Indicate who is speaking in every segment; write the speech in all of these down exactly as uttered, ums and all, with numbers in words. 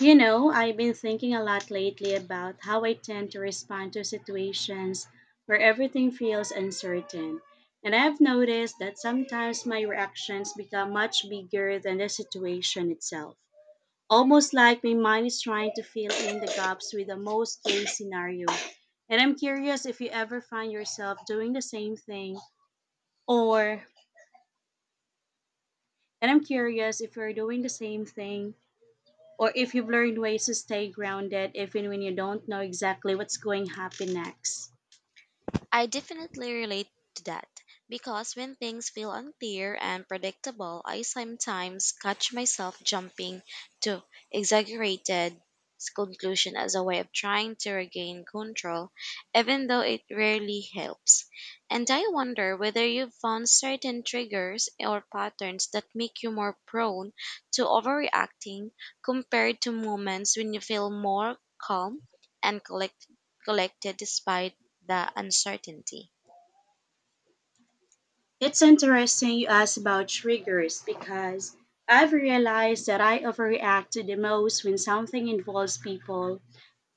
Speaker 1: You know, I've been thinking a lot lately about how I tend to respond to situations where everything feels uncertain. And I've noticed that sometimes my reactions become much bigger than the situation itself. Almost like my mind is trying to fill in the gaps with the most case scenario. And I'm curious if you ever find yourself doing the same thing, or— and I'm curious if you're doing the same thing, or if you've learned ways to stay grounded even when you don't know exactly what's going to happen next.
Speaker 2: I definitely relate to that because when things feel unclear and predictable, I sometimes catch myself jumping to exaggerated conclusion as a way of trying to regain control, even though it rarely helps. And I wonder whether you've found certain triggers or patterns that make you more prone to overreacting compared to moments when you feel more calm and collect- collected despite the uncertainty.
Speaker 1: It's interesting you ask about triggers, because I've realized that I overreact to the most when something involves people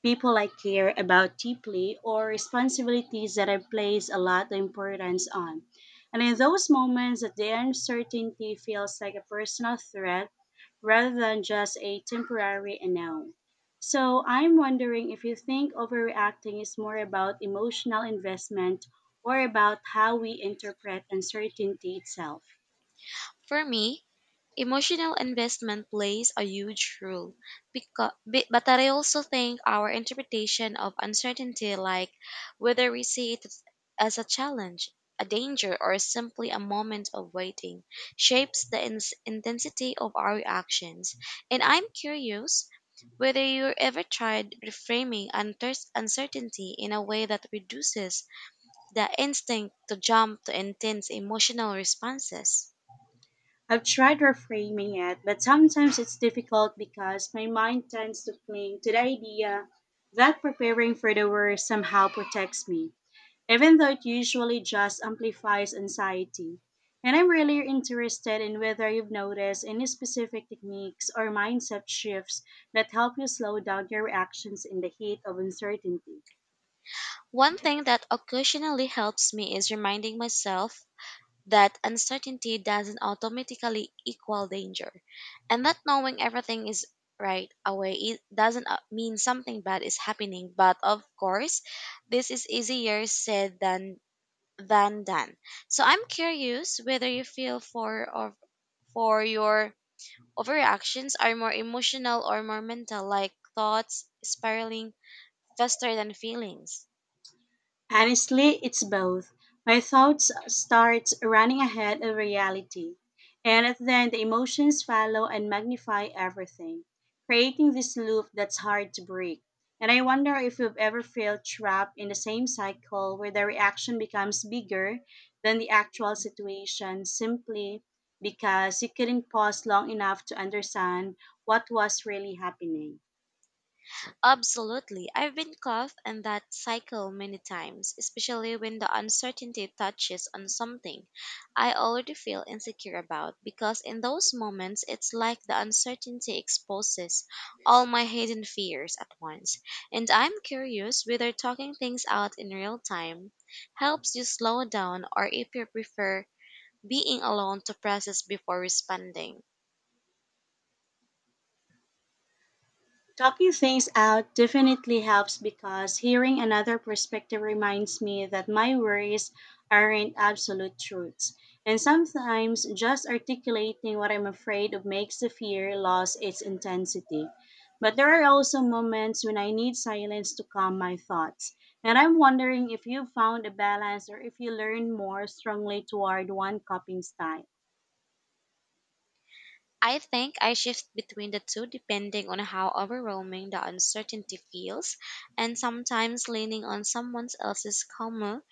Speaker 1: people I care about deeply, or responsibilities that I place a lot of importance on. And in those moments, the uncertainty feels like a personal threat rather than just a temporary unknown. So I'm wondering if you think overreacting is more about emotional investment or about how we interpret uncertainty itself.
Speaker 2: For me, emotional investment plays a huge role, because, but I also think our interpretation of uncertainty, like whether we see it as a challenge, a danger, or simply a moment of waiting, shapes the ins- intensity of our reactions. And I'm curious whether you ever tried reframing unter- uncertainty in a way that reduces the instinct to jump to intense emotional responses.
Speaker 1: I've tried reframing it, but sometimes it's difficult because my mind tends to cling to the idea that preparing for the worst somehow protects me, even though it usually just amplifies anxiety. And I'm really interested in whether you've noticed any specific techniques or mindset shifts that help you slow down your reactions in the heat of uncertainty.
Speaker 2: One thing that occasionally helps me is reminding myself that uncertainty doesn't automatically equal danger, and that knowing everything is right away it doesn't uh, mean something bad is happening. But of course, this is easier said than than done. So I'm curious whether you feel for or for your overreactions are more emotional or more mental, like thoughts spiraling faster than feelings.
Speaker 1: Honestly, it's both. My thoughts start running ahead of reality, and then the emotions follow and magnify everything, creating this loop that's hard to break. And I wonder if you've ever felt trapped in the same cycle where the reaction becomes bigger than the actual situation simply because you couldn't pause long enough to understand what was really happening.
Speaker 2: Absolutely. I've been caught in that cycle many times, especially when the uncertainty touches on something I already feel insecure about, because in those moments, it's like the uncertainty exposes all my hidden fears at once. And I'm curious whether talking things out in real time helps you slow down or if you prefer being alone to process before responding.
Speaker 1: Talking things out definitely helps, because hearing another perspective reminds me that my worries aren't absolute truths. And sometimes just articulating what I'm afraid of makes the fear lose its intensity. But there are also moments when I need silence to calm my thoughts. And I'm wondering if you found a balance or if you lean more strongly toward one coping style.
Speaker 2: I think I shift between the two depending on how overwhelming the uncertainty feels, and sometimes leaning on someone else's calmer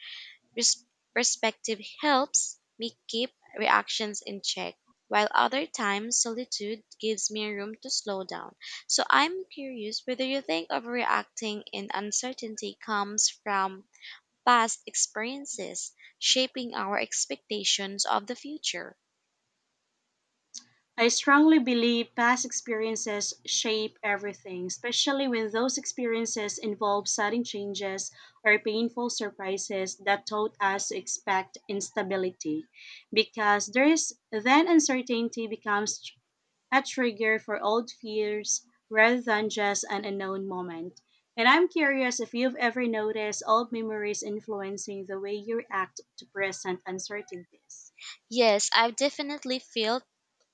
Speaker 2: res- perspective helps me keep reactions in check, while other times solitude gives me room to slow down. So I'm curious whether you think overreacting in uncertainty comes from past experiences shaping our expectations of the future.
Speaker 1: I strongly believe past experiences shape everything, especially when those experiences involve sudden changes or painful surprises that taught us to expect instability. Because there is then uncertainty becomes tr- a trigger for old fears rather than just an unknown moment. And I'm curious if you've ever noticed old memories influencing the way you react to present uncertainties.
Speaker 2: Yes, I've definitely felt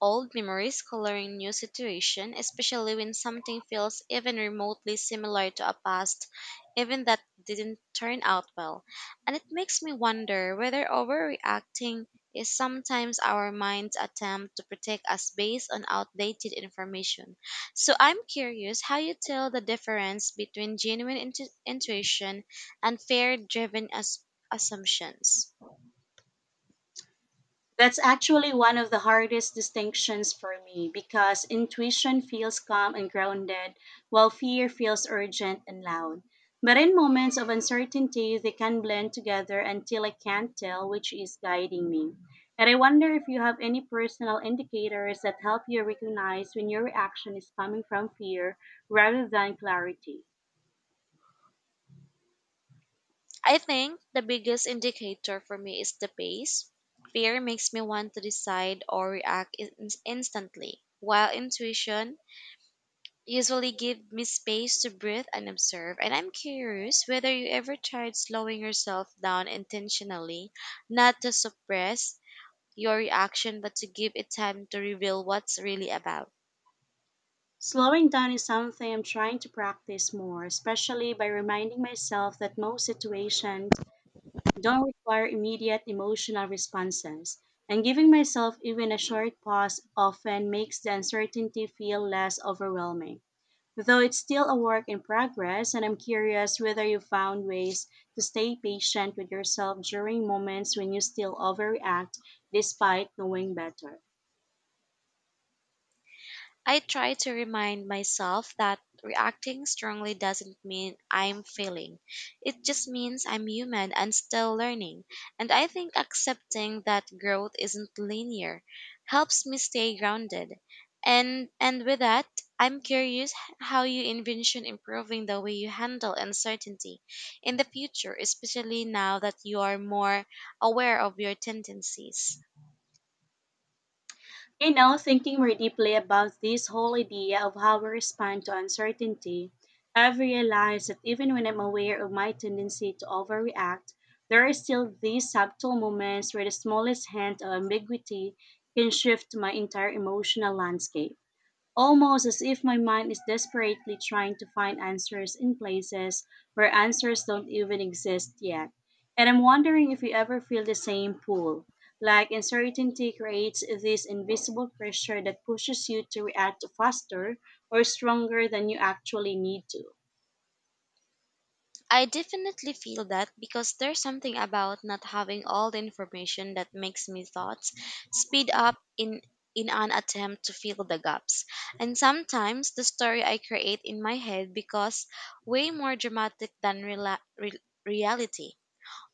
Speaker 2: old memories coloring new situation, especially when something feels even remotely similar to a past even that didn't turn out well. And it makes me wonder whether overreacting is sometimes our mind's attempt to protect us based on outdated information. So I'm curious how you tell the difference between genuine intu- intuition and fear-driven as- assumptions.
Speaker 1: That's actually one of the hardest distinctions for me, because intuition feels calm and grounded, while fear feels urgent and loud. But in moments of uncertainty, they can blend together until I can't tell which is guiding me. And I wonder if you have any personal indicators that help you recognize when your reaction is coming from fear rather than clarity.
Speaker 2: I think the biggest indicator for me is the pace. Fear makes me want to decide or react in- instantly, while intuition usually gives me space to breathe and observe. And I'm curious whether you ever tried slowing yourself down intentionally, not to suppress your reaction, but to give it time to reveal what's really about.
Speaker 1: Slowing down is something I'm trying to practice more, especially by reminding myself that most situations don't require immediate emotional responses, and giving myself even a short pause often makes the uncertainty feel less overwhelming. Though it's still a work in progress, and I'm curious whether you found ways to stay patient with yourself during moments when you still overreact despite knowing better.
Speaker 2: I try to remind myself that reacting strongly doesn't mean I'm failing. It just means I'm human and still learning. And I think accepting that growth isn't linear helps me stay grounded. And and with that, I'm curious h- how you envision improving the way you handle uncertainty in the future, especially now that you are more aware of your tendencies.
Speaker 1: You know, thinking more deeply about this whole idea of how we respond to uncertainty, I've realized that even when I'm aware of my tendency to overreact, there are still these subtle moments where the smallest hint of ambiguity can shift my entire emotional landscape, almost as if my mind is desperately trying to find answers in places where answers don't even exist yet. And I'm wondering if you ever feel the same pull. Like uncertainty creates this invisible pressure that pushes you to react faster or stronger than you actually need to.
Speaker 2: I definitely feel that because there's something about not having all the information that makes me thoughts speed up in in an attempt to fill the gaps. And sometimes the story I create in my head becomes way more dramatic than rela- re- reality,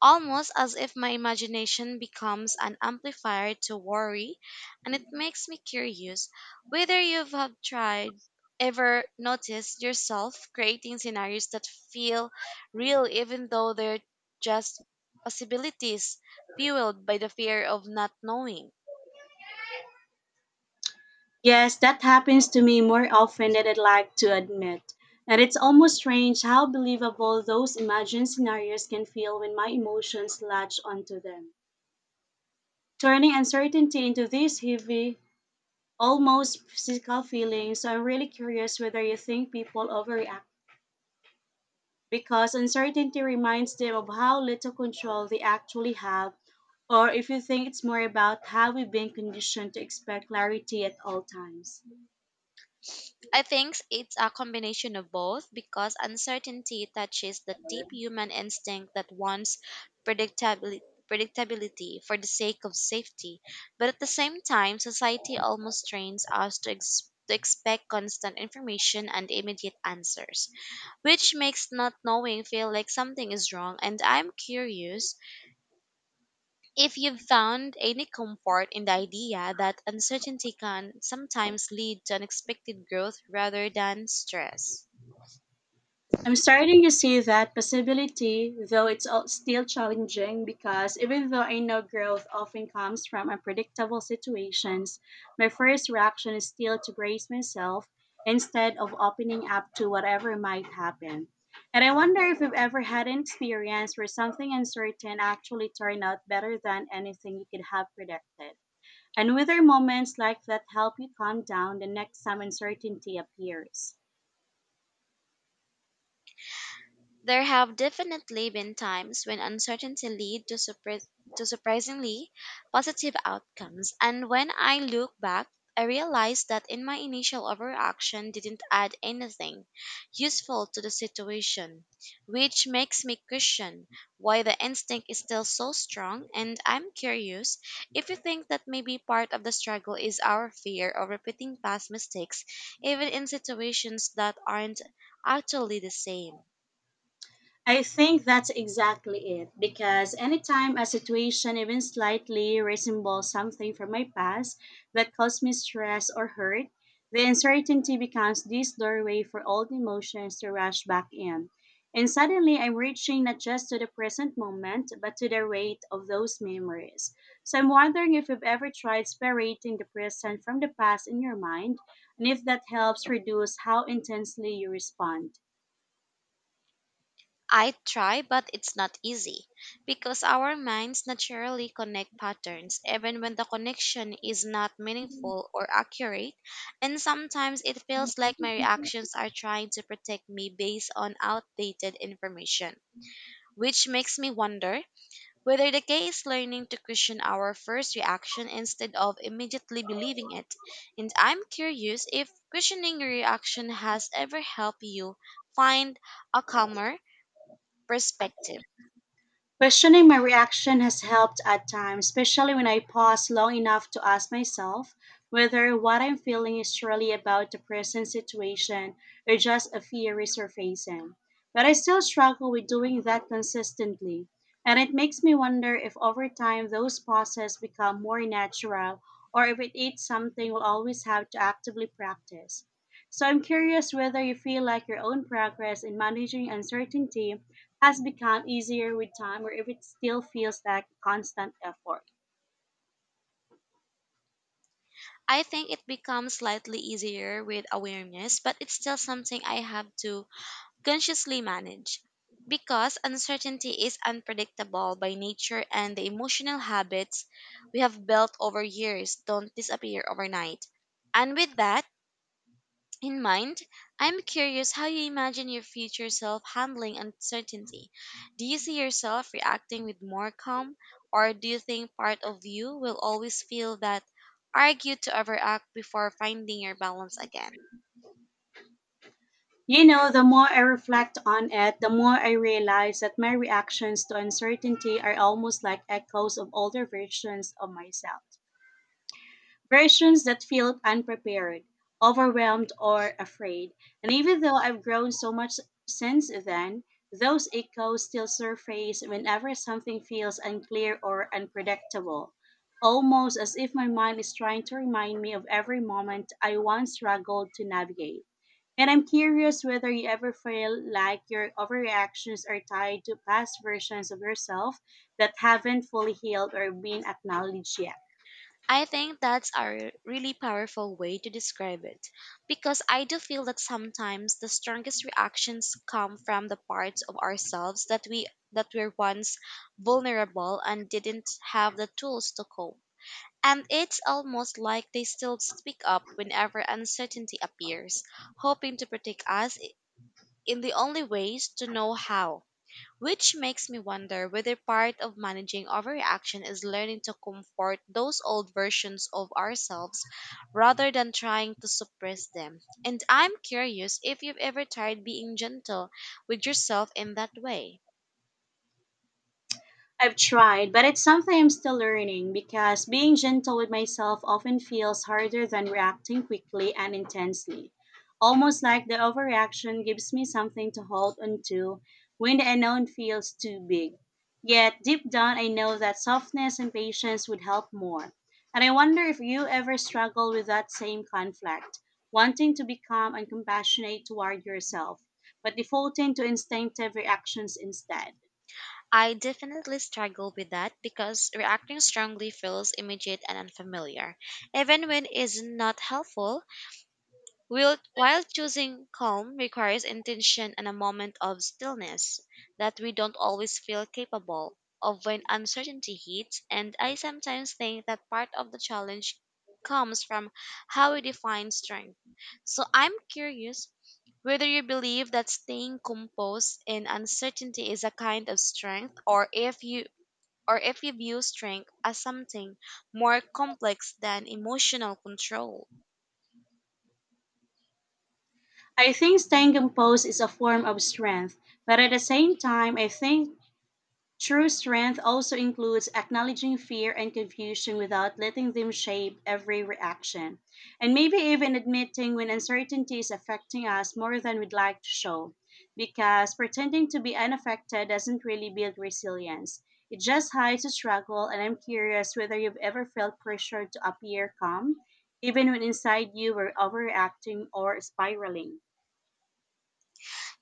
Speaker 2: almost as if my imagination becomes an amplifier to worry, and it makes me curious whether you have tried ever noticed yourself creating scenarios that feel real even though they're just possibilities fueled by the fear of not knowing.
Speaker 1: Yes, that happens to me more often than I'd like to admit. And it's almost strange how believable those imagined scenarios can feel when my emotions latch onto them, turning uncertainty into these heavy, almost physical feelings. So I'm really curious whether you think people overreact because uncertainty reminds them of how little control they actually have, or if you think it's more about how we've been conditioned to expect clarity at all times.
Speaker 2: I think it's a combination of both because uncertainty touches that deep human instinct that wants predictabili- predictability for the sake of safety. But at the same time, society almost trains us to, ex- to expect constant information and immediate answers, which makes not knowing feel like something is wrong. And I'm curious if you've found any comfort in the idea that uncertainty can sometimes lead to unexpected growth rather than stress.
Speaker 1: I'm starting to see that possibility, though it's all still challenging, because even though I know growth often comes from unpredictable situations, my first reaction is still to brace myself instead of opening up to whatever might happen. And I wonder if you've ever had an experience where something uncertain actually turned out better than anything you could have predicted, and whether moments like that help you calm down the next time uncertainty appears.
Speaker 2: There have definitely been times when uncertainty led to, surpri- to surprisingly positive outcomes, and when I look back, I realize that in my initial overreaction didn't add anything useful to the situation, which makes me question why the instinct is still so strong. And I'm curious if you think that maybe part of the struggle is our fear of repeating past mistakes, even in situations that aren't actually the same.
Speaker 1: I think that's exactly it, because anytime a situation, even slightly, resembles something from my past that caused me stress or hurt, the uncertainty becomes this doorway for old emotions to rush back in. And suddenly I'm reaching not just to the present moment, but to the weight of those memories. So I'm wondering if you've ever tried separating the present from the past in your mind, and if that helps reduce how intensely you respond.
Speaker 2: I try, but it's not easy because our minds naturally connect patterns even when the connection is not meaningful or accurate. And sometimes it feels like my reactions are trying to protect me based on outdated information, which makes me wonder whether the key is learning to question our first reaction instead of immediately believing it. And I'm curious if questioning your reaction has ever helped you find a calmer perspective.
Speaker 1: Questioning my reaction has helped at times, especially when I pause long enough to ask myself whether what I'm feeling is truly about the present situation or just a fear resurfacing. But I still struggle with doing that consistently, and it makes me wonder if over time those pauses become more natural or if it is something we'll always have to actively practice. So I'm curious whether you feel like your own progress in managing uncertainty has become easier with time or if it still feels like constant effort.
Speaker 2: I think it becomes slightly easier with awareness, but it's still something I have to consciously manage because uncertainty is unpredictable by nature and the emotional habits we have built over years don't disappear overnight. And with that in mind, I'm curious how you imagine your future self handling uncertainty. Do you see yourself reacting with more calm, or do you think part of you will always feel that argue to overact before finding your balance again?
Speaker 1: You know, the more I reflect on it, the more I realize that my reactions to uncertainty are almost like echoes of older versions of myself. Versions that feel unprepared, overwhelmed, or afraid. And even though I've grown so much since then, those echoes still surface whenever something feels unclear or unpredictable, almost as if my mind is trying to remind me of every moment I once struggled to navigate. And I'm curious whether you ever feel like your overreactions are tied to past versions of yourself that haven't fully healed or been acknowledged yet.
Speaker 2: I think that's a really powerful way to describe it because I do feel that sometimes the strongest reactions come from the parts of ourselves that we that were once vulnerable and didn't have the tools to cope. And it's almost like they still speak up whenever uncertainty appears, hoping to protect us i- in the only ways to know how. Which makes me wonder whether part of managing overreaction is learning to comfort those old versions of ourselves rather than trying to suppress them. And I'm curious if you've ever tried being gentle with yourself in that way.
Speaker 1: I've tried, but it's something I'm still learning, because being gentle with myself often feels harder than reacting quickly and intensely. Almost like the overreaction gives me something to hold onto when the unknown feels too big. Yet deep down, I know that softness and patience would help more. And I wonder if you ever struggle with that same conflict, wanting to be calm and compassionate toward yourself, but defaulting to instinctive reactions instead.
Speaker 2: I definitely struggle with that because reacting strongly feels immediate and unfamiliar, even when it's not helpful. While, while choosing calm requires intention and a moment of stillness that we don't always feel capable of when uncertainty hits, and I sometimes think that part of the challenge comes from how we define strength. So I'm curious whether you believe that staying composed in uncertainty is a kind of strength or if you or if you view strength as something more complex than emotional control.
Speaker 1: I think staying composed is a form of strength, but at the same time, I think true strength also includes acknowledging fear and confusion without letting them shape every reaction, and maybe even admitting when uncertainty is affecting us more than we'd like to show, because pretending to be unaffected doesn't really build resilience. It just hides the struggle, and I'm curious whether you've ever felt pressured to appear calm, even when inside you were overreacting or spiraling.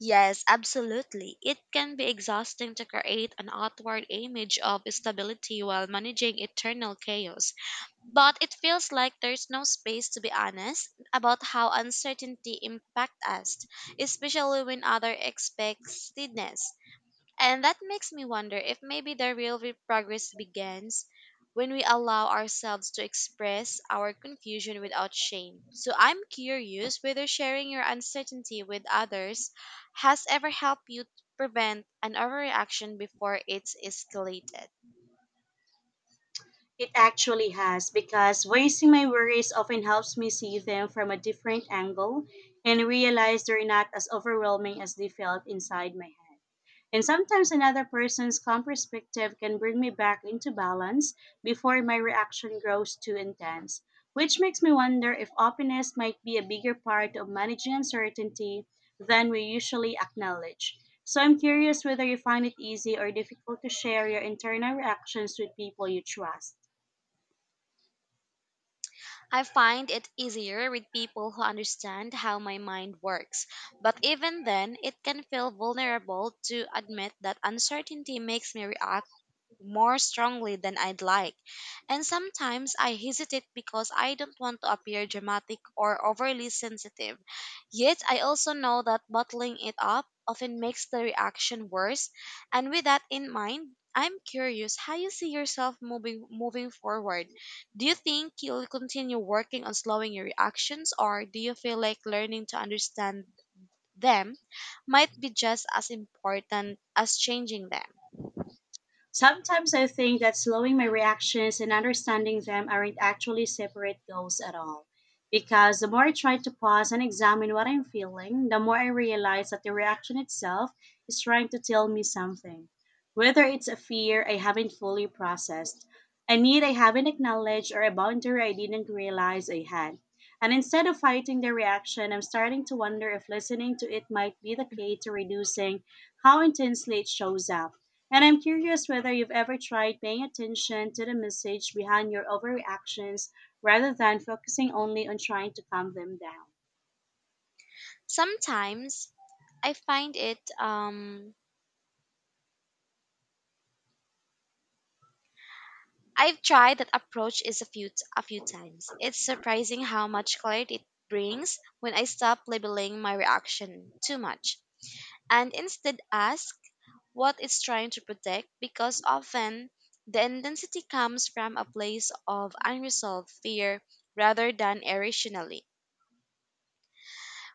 Speaker 2: Yes, absolutely. It can be exhausting to create an outward image of stability while managing eternal chaos. But it feels like there's no space to be honest about how uncertainty impacts us, especially when others expect steadiness. And that makes me wonder if maybe the real re- progress begins when we allow ourselves to express our confusion without shame. So I'm curious whether sharing your uncertainty with others has ever helped you prevent an overreaction before it's escalated.
Speaker 1: It actually has, because voicing my worries often helps me see them from a different angle and realize they're not as overwhelming as they felt inside my head. And sometimes another person's calm perspective can bring me back into balance before my reaction grows too intense, which makes me wonder if openness might be a bigger part of managing uncertainty than we usually acknowledge. So I'm curious whether you find it easy or difficult to share your internal reactions with people you trust.
Speaker 2: I find it easier with people who understand how my mind works, but even then, it can feel vulnerable to admit that uncertainty makes me react more strongly than I'd like. And sometimes I hesitate because I don't want to appear dramatic or overly sensitive. Yet I also know that bottling it up often makes the reaction worse. And with that in mind, I'm curious how you see yourself moving moving forward. Do you think you'll continue working on slowing your reactions, or do you feel like learning to understand them might be just as important as changing them?
Speaker 1: Sometimes I think that slowing my reactions and understanding them aren't actually separate goals at all. Because the more I try to pause and examine what I'm feeling, the more I realize that the reaction itself is trying to tell me something. Whether it's a fear I haven't fully processed, a need I haven't acknowledged, or a boundary I didn't realize I had. And instead of fighting the reaction, I'm starting to wonder if listening to it might be the key to reducing how intensely it shows up. And I'm curious whether you've ever tried paying attention to the message behind your overreactions rather than focusing only on trying to calm them down.
Speaker 2: Sometimes I find it um I've tried that approach is a few a few times. It's surprising how much clarity it brings when I stop labeling my reaction too much and instead ask what it's trying to protect, because often the intensity comes from a place of unresolved fear rather than irrationally.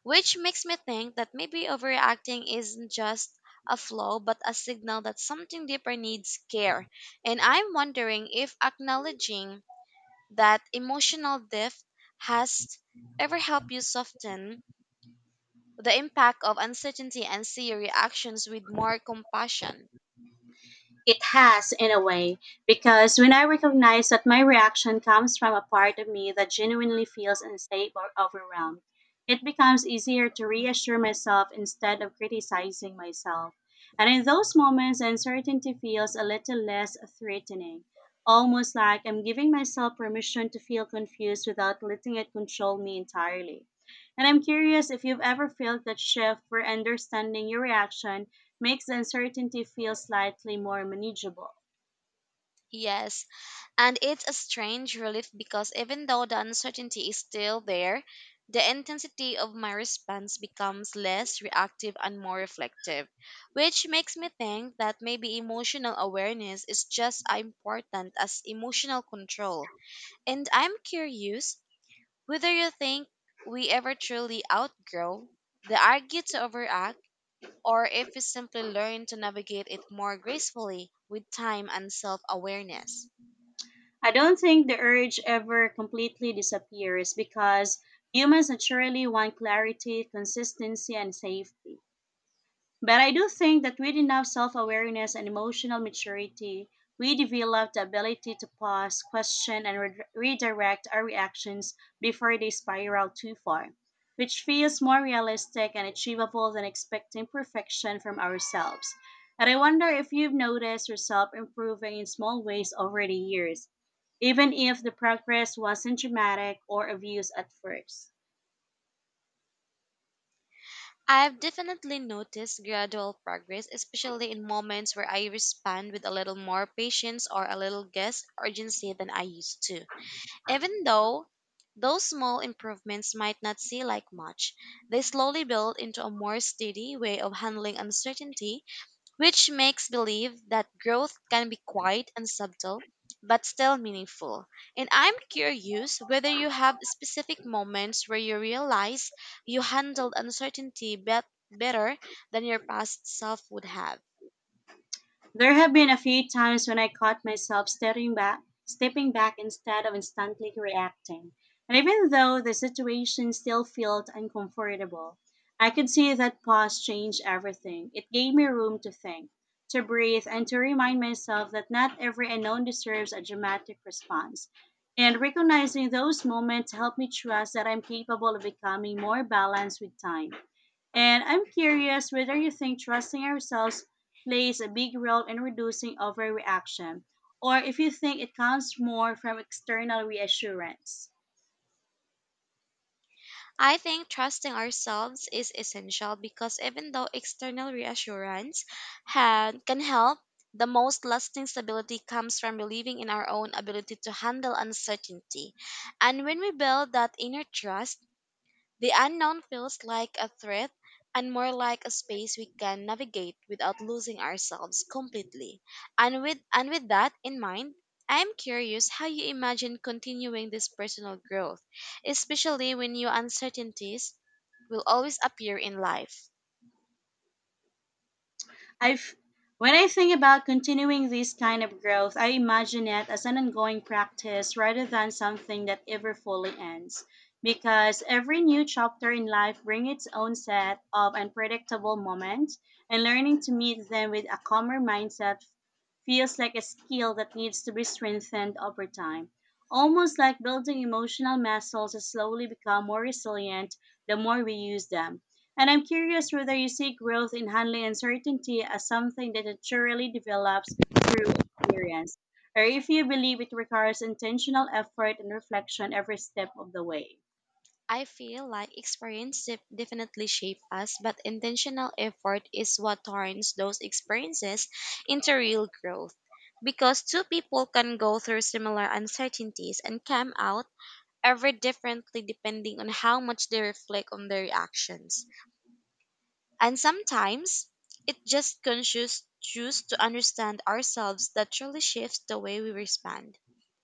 Speaker 2: Which makes me think that maybe overreacting isn't just a flaw, but a signal that something deeper needs care. And I'm wondering if acknowledging that emotional depth has ever helped you soften the impact of uncertainty and see your reactions with more compassion.
Speaker 1: It has, in a way, because when I recognize that my reaction comes from a part of me that genuinely feels unsafe or overwhelmed, it becomes easier to reassure myself instead of criticizing myself. And in those moments, uncertainty feels a little less threatening, almost like I'm giving myself permission to feel confused without letting it control me entirely. And I'm curious if you've ever felt that shift where understanding your reaction makes the uncertainty feel slightly more manageable.
Speaker 2: Yes, And it's a strange relief because even though the uncertainty is still there, the intensity of my response becomes less reactive and more reflective, which makes me think that maybe emotional awareness is just as important as emotional control. And I'm curious whether you think we ever truly outgrow the urge to overact, or if we simply learn to navigate it more gracefully with time and self awareness.
Speaker 1: I don't think the urge ever completely disappears, because humans naturally want clarity, consistency, and safety. But I do think that with enough self awareness and emotional maturity, we develop the ability to pause, question, and re- redirect our reactions before they spiral too far, which feels more realistic and achievable than expecting perfection from ourselves. And I wonder if you've noticed yourself improving in small ways over the years, even if the progress wasn't dramatic or obvious at first.
Speaker 2: I've definitely noticed gradual progress, especially in moments where I respond with a little more patience or a little less urgency than I used to. Even though those small improvements might not seem like much, they slowly build into a more steady way of handling uncertainty, which makes believe that growth can be quiet and subtle, but still meaningful. And I'm curious whether you have specific moments where you realize you handled uncertainty bet- better than your past self would have.
Speaker 1: There have been a few times when I caught myself stepping back, stepping back instead of instantly reacting. And even though the situation still felt uncomfortable, I could see that pause changed everything. It gave me room to think, to breathe, and to remind myself that not every unknown deserves a dramatic response. And recognizing those moments helped me trust that I'm capable of becoming more balanced with time. And I'm curious whether you think trusting ourselves plays a big role in reducing overreaction, or if you think it comes more from external reassurance.
Speaker 2: I think trusting ourselves is essential because even though external reassurance ha- can help, the most lasting stability comes from believing in our own ability to handle uncertainty. And when we build that inner trust, the unknown feels like a threat and more like a space we can navigate without losing ourselves completely. And with and with that in mind, I am curious how you imagine continuing this personal growth, especially when new uncertainties will always appear in life.
Speaker 1: I've When I think about continuing this kind of growth, I imagine it as an ongoing practice rather than something that ever fully ends. Because every new chapter in life brings its own set of unpredictable moments, and learning to meet them with a calmer mindset feels like a skill that needs to be strengthened over time. Almost like building emotional muscles that slowly become more resilient the more we use them. And I'm curious whether you see growth in handling uncertainty as something that naturally develops through experience, or if you believe it requires intentional effort and reflection every step of the way.
Speaker 2: I feel like experience def- definitely shape us, but intentional effort is what turns those experiences into real growth. Because two people can go through similar uncertainties and come out ever differently depending on how much they reflect on their actions. And sometimes it just conscious choose to understand ourselves that truly shifts the way we respond.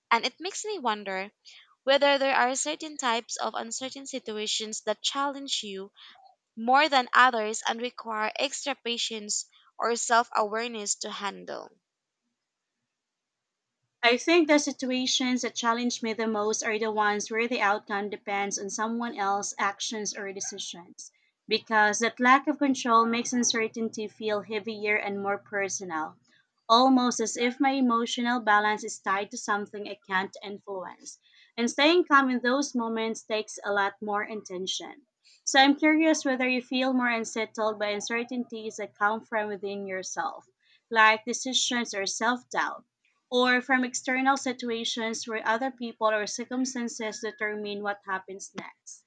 Speaker 2: And it makes me wonder whether there are certain types of uncertain situations that challenge you more than others and require extra patience or self awareness to handle.
Speaker 1: I think the situations that challenge me the most are the ones where the outcome depends on someone else's actions or decisions, because that lack of control makes uncertainty feel heavier and more personal, almost as if my emotional balance is tied to something I can't influence. And staying calm in those moments takes a lot more intention. So I'm curious whether you feel more unsettled by uncertainties that come from within yourself, like decisions or self doubt, or from external situations where other people or circumstances determine what happens next.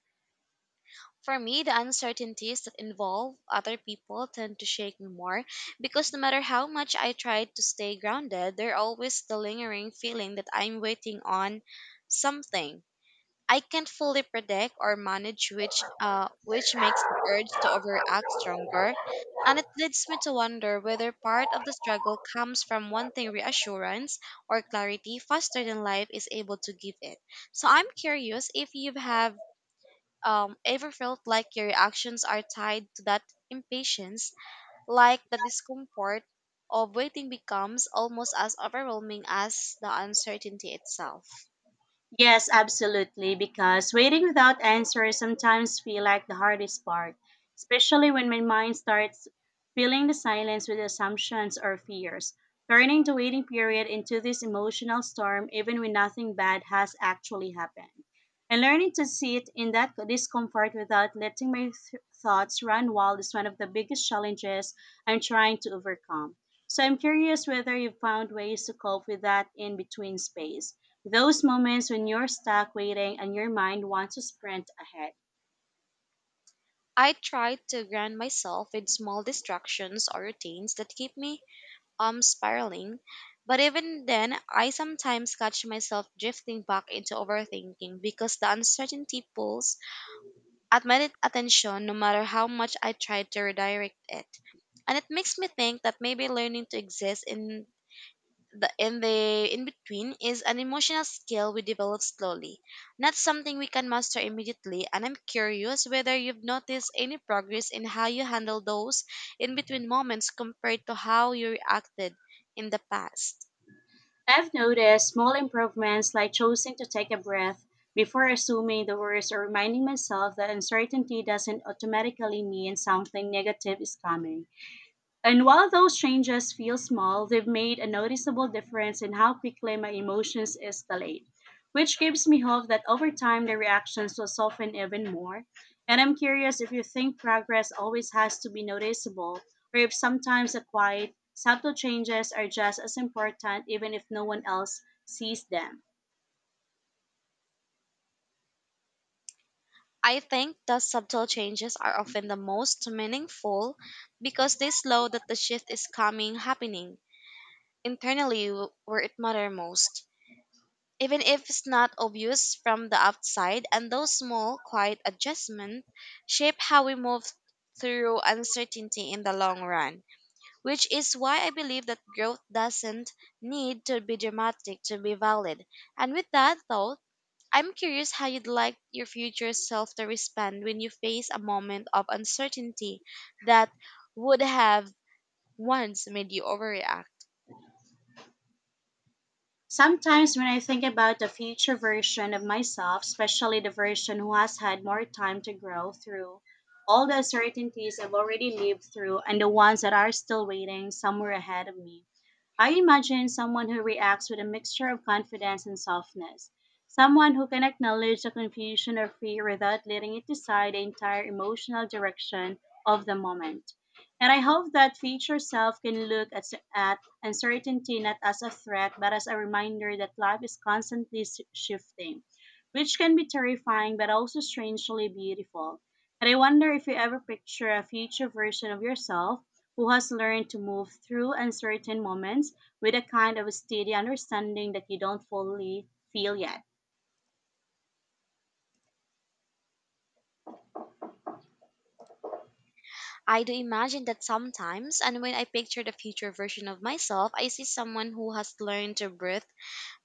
Speaker 2: For me, the uncertainties that involve other people tend to shake me more because no matter how much I try to stay grounded, there's always the lingering feeling that I'm waiting on something I can't fully predict or manage, which uh which makes the urge to overact stronger. And it leads me to wonder whether part of the struggle comes from wanting reassurance or clarity faster than life is able to give it. So I'm curious if you have um, ever felt like your reactions are tied to that impatience, like the discomfort of waiting becomes almost as overwhelming as the uncertainty itself.
Speaker 1: Yes, absolutely, because waiting without answers sometimes feel like the hardest part, especially when my mind starts filling the silence with assumptions or fears, turning the waiting period into this emotional storm even when nothing bad has actually happened. And learning to sit in that discomfort without letting my th- thoughts run wild is one of the biggest challenges I'm trying to overcome. So I'm curious whether you've found ways to cope with that in between space, those moments when you're stuck waiting and your mind wants to sprint ahead.
Speaker 2: I try to ground myself with small distractions or routines that keep me um spiraling, but even then I sometimes catch myself drifting back into overthinking because the uncertainty pulls at my attention no matter how much I try to redirect it. And it makes me think that maybe learning to exist in the in the in between is an emotional skill we develop slowly, not something we can master immediately. And I'm curious whether you've noticed any progress in how you handle those in between moments compared to how you reacted in the past.
Speaker 1: I've noticed small improvements like choosing to take a breath before assuming the worst, or reminding myself that uncertainty doesn't automatically mean something negative is coming. And while those changes feel small, they've made a noticeable difference in how quickly my emotions escalate, which gives me hope that over time the reactions will soften even more. And I'm curious if you think progress always has to be noticeable, or if sometimes the quiet, subtle changes are just as important even if no one else sees them.
Speaker 2: I think the subtle changes are often the most meaningful because they slow that the shift is coming happening internally, w- where it matters most, even if it's not obvious from the outside, and those small, quiet adjustments shape how we move through uncertainty in the long run, which is why I believe that growth doesn't need to be dramatic to be valid. And with that thought, I'm curious how you'd like your future self to respond when you face a moment of uncertainty that would have once made you overreact.
Speaker 1: Sometimes when I think about the future version of myself, especially the version who has had more time to grow through all the uncertainties I've already lived through and the ones that are still waiting somewhere ahead of me, I imagine someone who reacts with a mixture of confidence and softness, someone who can acknowledge the confusion or fear without letting it decide the entire emotional direction of the moment. And I hope that future self can look at, at uncertainty not as a threat, but as a reminder that life is constantly s- shifting, which can be terrifying but also strangely beautiful. And I wonder if you ever picture a future version of yourself who has learned to move through uncertain moments with a kind of steady understanding that you don't fully feel yet.
Speaker 2: I do imagine that sometimes, and when I picture the future version of myself, I see someone who has learned to breathe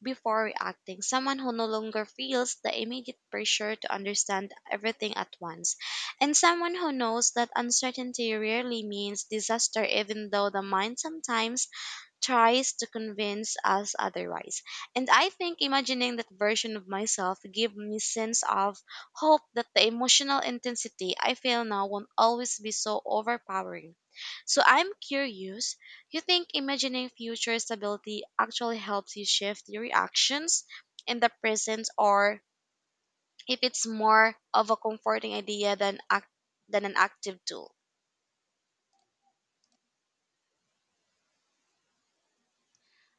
Speaker 2: before reacting, someone who no longer feels the immediate pressure to understand everything at once, and someone who knows that uncertainty rarely means disaster, even though the mind sometimes tries to convince us otherwise. And I think imagining that version of myself gave me sense of hope that the emotional intensity I feel now won't always be so overpowering. So I'm curious, you think imagining future stability actually helps you shift your reactions in the present, or if it's more of a comforting idea than act- than an active tool?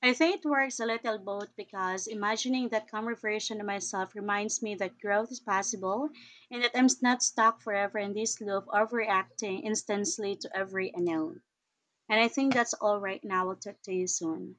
Speaker 1: I say it works a little both because imagining that calmer version of myself reminds me that growth is possible and that I'm not stuck forever in this loop of reacting instantly to every unknown. And I think that's all right now. I'll talk to you soon.